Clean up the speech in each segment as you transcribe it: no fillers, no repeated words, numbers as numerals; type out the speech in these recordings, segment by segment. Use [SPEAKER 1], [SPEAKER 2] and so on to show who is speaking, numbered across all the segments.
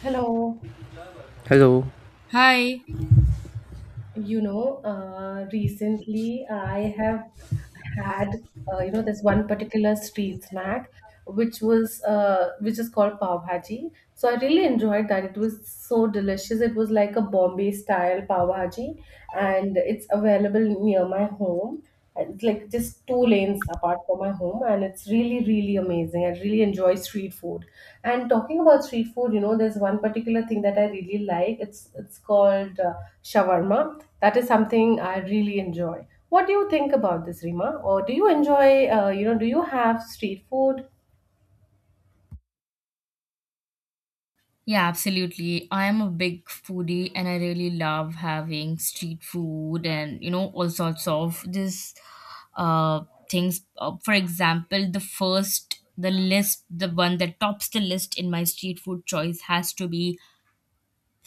[SPEAKER 1] Hello.
[SPEAKER 2] Hello.
[SPEAKER 3] Hi.
[SPEAKER 1] Recently I have had this one particular street snack which was which is called pav bhaji. So I really enjoyed that. It was so delicious. It was like a Bombay style pav bhaji, and it's available near my home. It's like just two lanes apart from my home, and it's really, really amazing. I really enjoy street food. And talking about street food, there's one particular thing that I really like. It's called shawarma. That is something I really enjoy. What do you think about this, Rima? Or do you enjoy? Do you have street food?
[SPEAKER 3] Yeah, absolutely. I am a big foodie and I really love having street food and, you know, all sorts of this uh things. For example, the one that tops the list in my street food choice has to be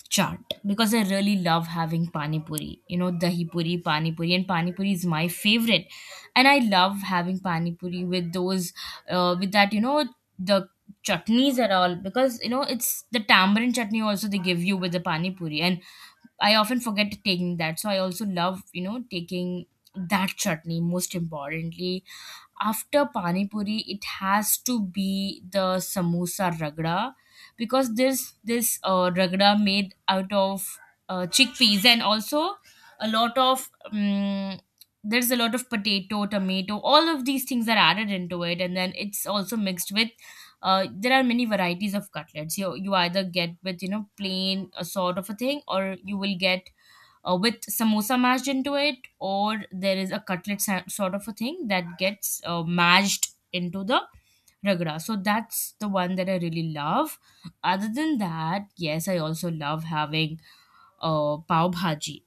[SPEAKER 3] Chaat because I really love having pani puri. You know, dahi puri, pani puri, and pani puri is my favorite. And I love having pani puri with that, you know, the chutneys are all because you know it's the tamarind chutney also they give you with the pani puri, and I often forget taking that. So I also love, you know, taking that chutney most importantly. After pani puri it has to be the samosa ragda, because this ragda made out of chickpeas and also a lot of there's a lot of potato, tomato, all of these things are added into it, and then it's also mixed with there are many varieties of cutlets. You either get with, you know, plain a sort of a thing, or you will get with samosa mashed into it, or there is a cutlet sort of a thing that gets mashed into the ragda. So that's the one that I really love. Other than that, yes, I also love having pav bhaji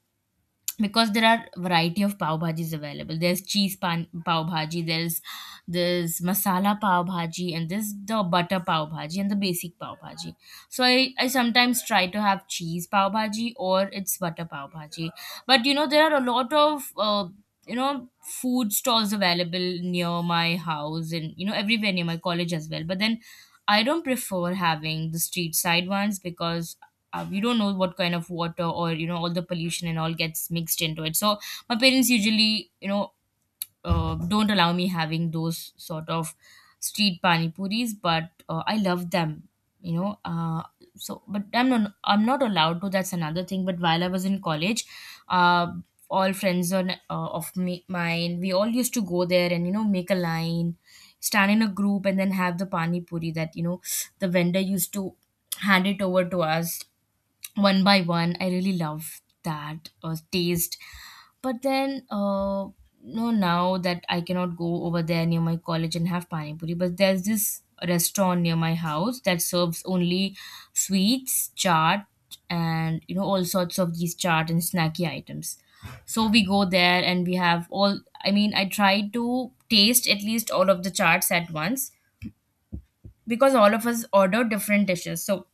[SPEAKER 3] because there are variety of pav bhajis available. There's cheese pan, pav bhaji, there's masala pav bhaji, and there's the butter pav bhaji and the basic pav bhaji. So I sometimes try to have cheese pav bhaji or it's butter pav bhaji. But you know there are a lot of you know food stalls available near my house, and you know everywhere near my college as well, but then I don't prefer having the street side ones because we don't know what kind of water or you know all the pollution and all gets mixed into it. So my parents usually, you know, don't allow me having those sort of street pani puris, but I love them, you know uh, so but I'm not allowed to, that's another thing. But while I was in college, uh, all friends on uh, of me mine, we all used to go there and, you know, make a line, stand in a group, and then have the pani puri that, you know, the vendor used to hand it over to us one by one. I really love that taste. But then, no, now that I cannot go over there near my college and have pani puri, but there's this restaurant near my house that serves only sweets, chaat, and you know all sorts of these chaat and snacky items. So we go there and we have all. I mean, I try to taste at least all of the charts at once because all of us order different dishes. So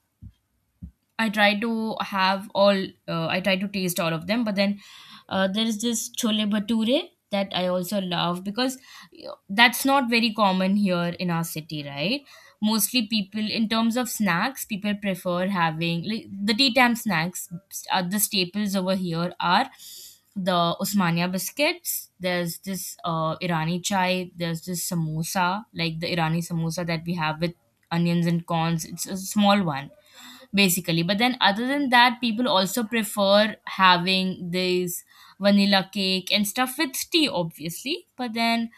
[SPEAKER 3] I try to have all, I try to taste all of them. But then there is this chole bhature that I also love, because that's not very common here in our city, right? Mostly people, in terms of snacks, people prefer having like the tea time snacks. The staples over here are the Osmania biscuits. There's this Irani chai. There's this samosa, like the Irani samosa that we have with onions and corns. It's a small one basically. But then, other than that, people also prefer having this vanilla cake and stuff with tea, obviously. But then,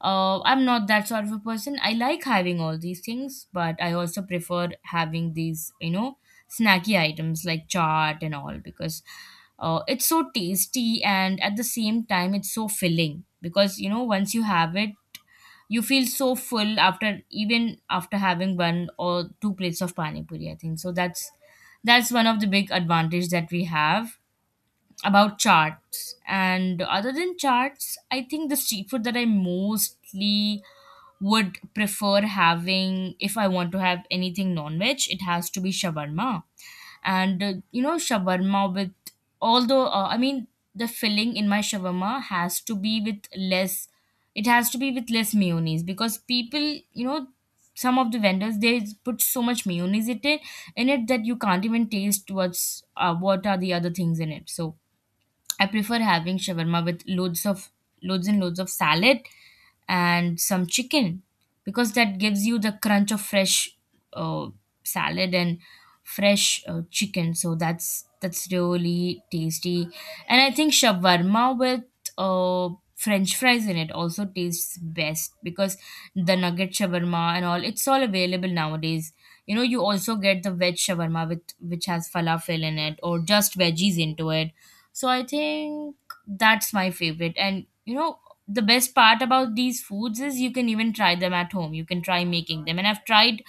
[SPEAKER 3] I'm not that sort of a person. I like having all these things, but I also prefer having these, you know, snacky items like chaat and all because it's so tasty, and at the same time, it's so filling because, you know, once you have it, you feel so full after, even after having one or two plates of pani puri, I think. So that's one of the big advantage that we have about charts. And other than charts, I think the street food that I mostly would prefer having, if I want to have anything non-veg, it has to be shawarma. And you know shawarma with, although I mean, the filling in my shawarma has to be with less, it has to be with less mayonnaise, because people, you know, some of the vendors they put so much mayonnaise in it that you can't even taste what are the other things in it. So I prefer having shawarma with loads of, loads and loads of salad and some chicken, because that gives you the crunch of fresh uh, salad and fresh chicken. So that's really tasty. And I think shawarma with uh, French fries in it also tastes best, because the nugget shawarma and all, it's all available nowadays. You know, you also get the veg shawarma with which has falafel in it or just veggies into it. So I think that's my favorite. And you know, the best part about these foods is you can even try them at home. You can try making them. And I've tried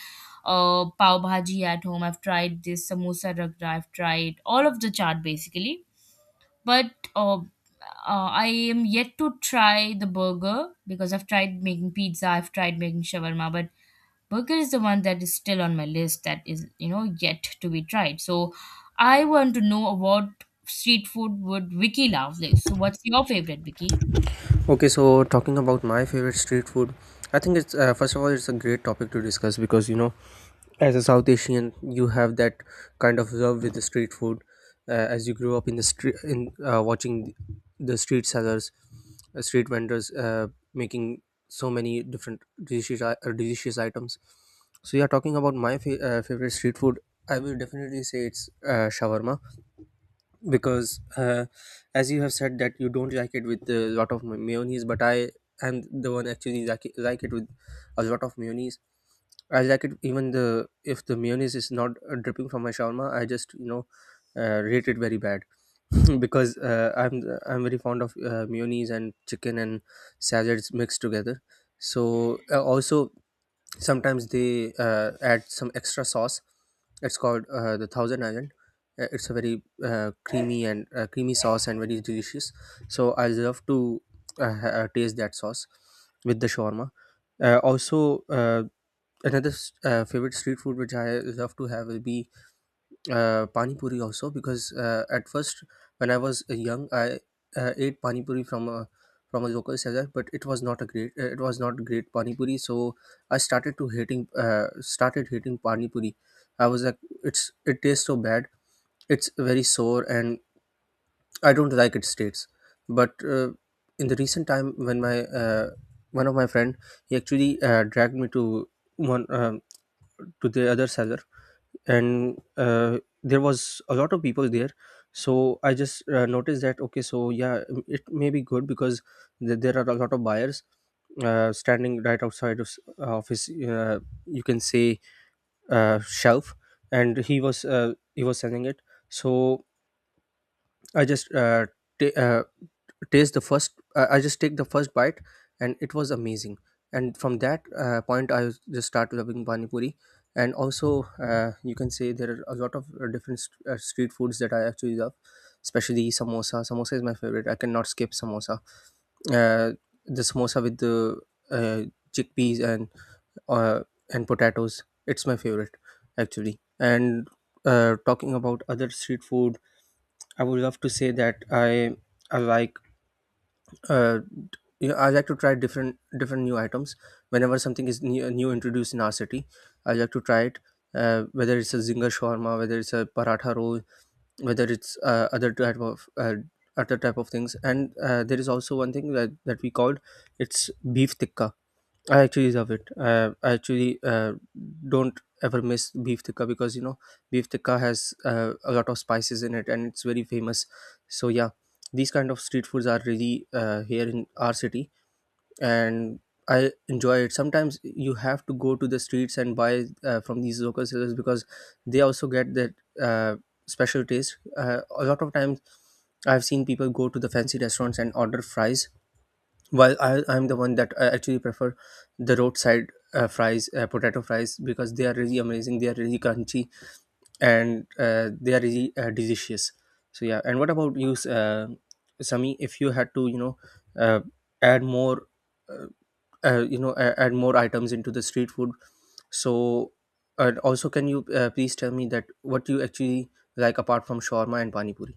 [SPEAKER 3] pav bhaji at home. I've tried this samosa ragra. I've tried all of the chaat basically. But I am yet to try the burger, because I've tried making pizza. I've tried making shawarma, but burger is the one that is still on my list, that is, you know, yet to be tried. So I want to know what street food would Vicky love, like, so what's your favorite, Vicky?
[SPEAKER 2] Okay, so talking about my favorite street food, I think it's first of all it's a great topic to discuss because you know, as a South Asian, you have that kind of love with the street food, as you grew up in the street in watching the street sellers, street vendors making so many different delicious delicious items. So yeah, talking about my favorite street food, I will definitely say it's shawarma because as you have said that you don't like it with a lot of mayonnaise, but I am the one actually like it with a lot of mayonnaise. I like it. Even the if the mayonnaise is not dripping from my shawarma, I just you know rate it very bad because I'm very fond of mayonnaise and chicken and salads mixed together. So also sometimes they add some extra sauce. It's called the thousand island. It's a very creamy sauce and very delicious, so I love to taste that sauce with the shawarma. Also, uh, another favorite street food which I love to have will be pani puri also, because at first when I was young, I ate pani puri from a local seller, but it was not a great it was not great pani puri. So I started hating pani puri. I was like, it's, it tastes so bad, it's very sour and I don't like its taste. But in the recent time when my one of my friend, he actually dragged me to one to the other seller, and there was a lot of people there. So I just noticed that okay, so yeah, it may be good because there are a lot of buyers standing right outside of, of his you can say shelf, and he was selling it. So I just ta- taste the first. I just take the first bite, and it was amazing. And from that point, just start loving pani puri. And also, you can say there are a lot of different street foods that I actually love, especially samosa. Samosa is my favorite. I cannot skip samosa. Uh, the samosa with the uh, chickpeas and uh, and potatoes. It's my favorite, actually. And talking about other street food, I would love to say that I like, uh, you know, I like to try different new items whenever something is new introduced in our city. I like to try it. Whether it's a zinger shawarma, whether it's a paratha roll, whether it's other type of things, and there is also one thing that we called, it's beef tikka. I actually love it. I actually don't ever miss beef tikka, because you know beef tikka has a lot of spices in it and it's very famous. So yeah, these kind of street foods are really here in our city, and I enjoy it. Sometimes you have to go to the streets and buy from these local sellers because they also get that uh, special taste. A lot of times I've seen people go to the fancy restaurants and order fries. Well, I'm the one that I actually prefer the roadside fries, potato fries, because they are really amazing. They are really crunchy and they are really delicious. So yeah. And what about you, Sami? If you had to, you know, uh, add more, uh, you know, add more items into the street food. So, and also, can you please tell me that what you actually like apart from shawarma and pani puri?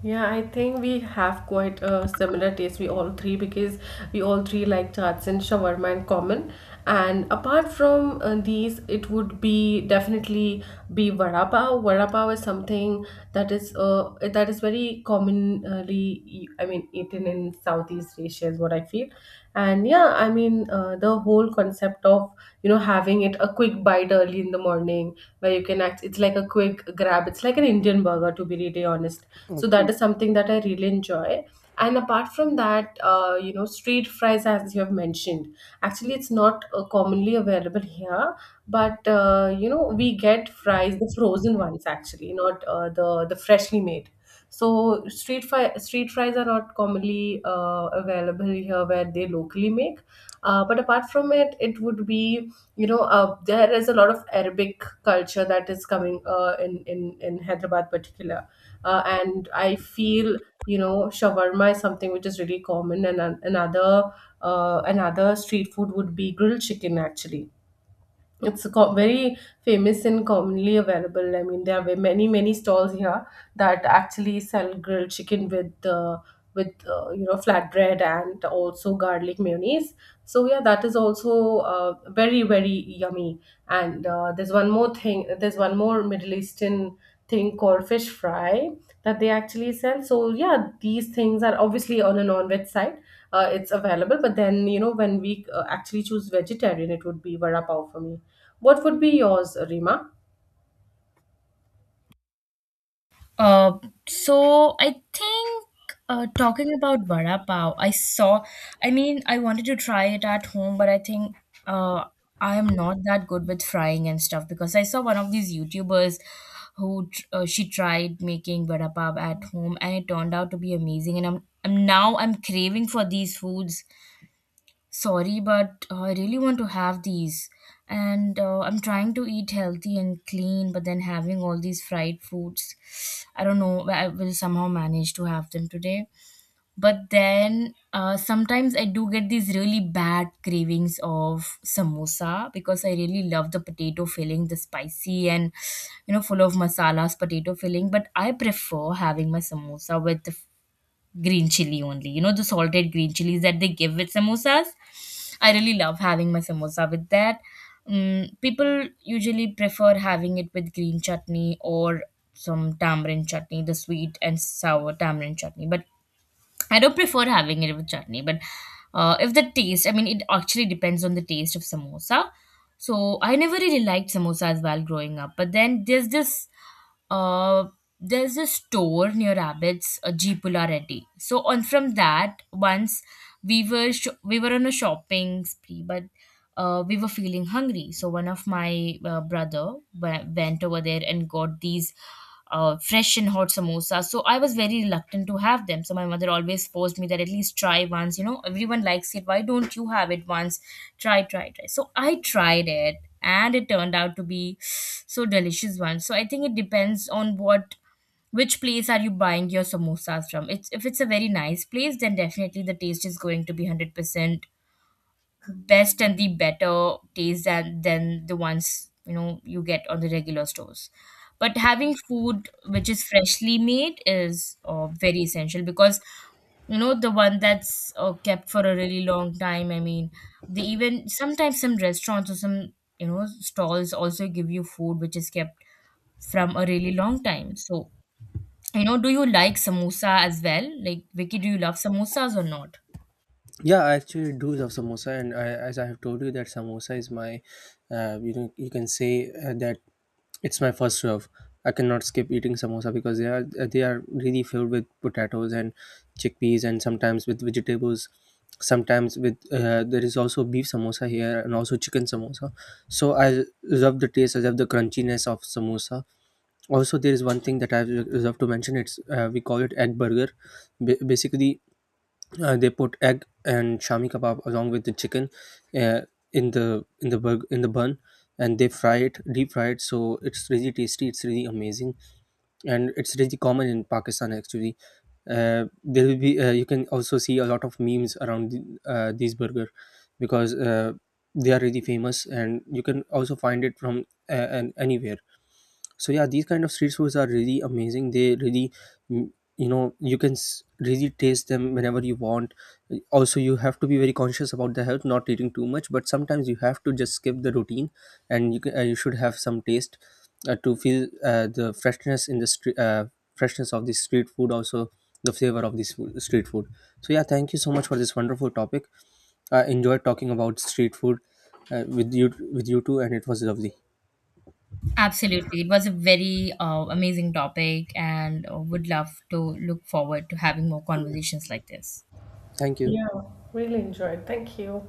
[SPEAKER 1] Yeah, I think we have quite a similar taste, we all three, because we all three like chaats and shawarma in common. And apart from these, it would be definitely be vada pav. Vada pav is something that is very common originally, I mean, eaten in Southeast Asia is what I feel. And yeah, I mean, the whole concept of, having it a quick bite early in the morning where you can act, it's like a quick grab. It's like an Indian burger, to be really honest. So that is something that I really enjoy. And apart from that, you know, street fries, as you have mentioned, actually, it's not commonly available here, but we get fries, the frozen ones, actually not the freshly made. So street fries are not commonly available here where they locally make. But apart from it, it would be there is a lot of Arabic culture that is coming in in Hyderabad particular, and I feel you know shawarma is something which is really common, and another street food would be grilled chicken actually. Very famous and commonly available. I mean, there are many many stalls here that actually sell grilled chicken with you know flatbread and also garlic mayonnaise. So yeah, that is also uh, very very yummy. And there's one more thing. There's one more Middle Eastern thing called fish fry that they actually sell. So yeah, these things are obviously on a non-veg side. It's available, but then you know when we actually choose vegetarian, it would be vada pav for me. What would be yours, Rima?
[SPEAKER 3] Uh, so I think, talking about vada pav, I saw. I mean, I wanted to try it at home, but I think uh, I am not that good with frying and stuff, because I saw one of these YouTubers who she tried making vada pav at home, and it turned out to be amazing. And I'm now I'm craving for these foods, sorry, but I really want to have these. And I'm trying to eat healthy and clean, but then having all these fried foods, I don't know, I will somehow manage to have them today. But then sometimes I do get these really bad cravings of samosa, because I really love the potato filling, the spicy and, you know, full of masalas potato filling. But I prefer having my samosa with the green chili only. You know, the salted green chilies that they give with samosas. I really love having my samosa with that. Mm, people usually prefer having it with green chutney or some tamarind chutney, the sweet and sour tamarind chutney. But I don't prefer having it with chutney. But if the taste, I mean, it actually depends on the taste of samosa. So I never really liked samosa as well growing up. But then uh, there's this store near Rabbits, Jeepula Reddy. So on from that, once we were on a shopping spree, but we were feeling hungry. So one of my brother went over there and got these fresh and hot samosa. So I was very reluctant to have them. So my mother always forced me that at least try once. You know, everyone likes it. Why don't you have it once? Try, try, try. So I tried it and it turned out to be so delicious one. So I think it depends on what, which place are you buying your samosas from. It's, if it's a very nice place, then definitely the taste is going to be 100% best and the better taste than the ones, you know, you get on the regular stores. But having food which is freshly made is very essential, because you know the one that's kept for a really long time, I mean, they even sometimes, some restaurants or some, you know, stalls also give you food which is kept from a really long time. So you know, do you like samosa as well, like Vicky, do you love samosas or not?
[SPEAKER 2] Yeah, I actually do love samosa, and I, as I have told you, that samosa is my, you know, you can say that it's my first love. I cannot skip eating samosa because they are really filled with potatoes and chickpeas, and sometimes with vegetables. Sometimes with there is also beef samosa here and also chicken samosa. So I love the taste. I love the crunchiness of samosa. Also, there is one thing that I love to mention. It's we call it egg burger. Basically, they put egg and shami kebab along with the chicken uh, in the in the bun, and they fry it, deep fry it, so it's really tasty, it's really amazing, and it's really common in Pakistan, actually. Uh, there will be you can also see a lot of memes around these burger, because they are really famous and you can also find it from uh, anywhere. So yeah, these kind of street foods are really amazing, they really, mm, you know, you can really taste them whenever you want. Also, you have to be very conscious about the health, not eating too much, but sometimes you have to just skip the routine and you should have some taste to feel the freshness in the street freshness of the street food, also the flavor of this food, street food. So yeah, thank you so much for this wonderful topic. I enjoyed talking about street food with you two, and it was lovely.
[SPEAKER 3] Absolutely. It was a very amazing topic, and would love to look forward to having more conversations like this.
[SPEAKER 2] Thank you.
[SPEAKER 1] Yeah, really enjoyed. Thank you.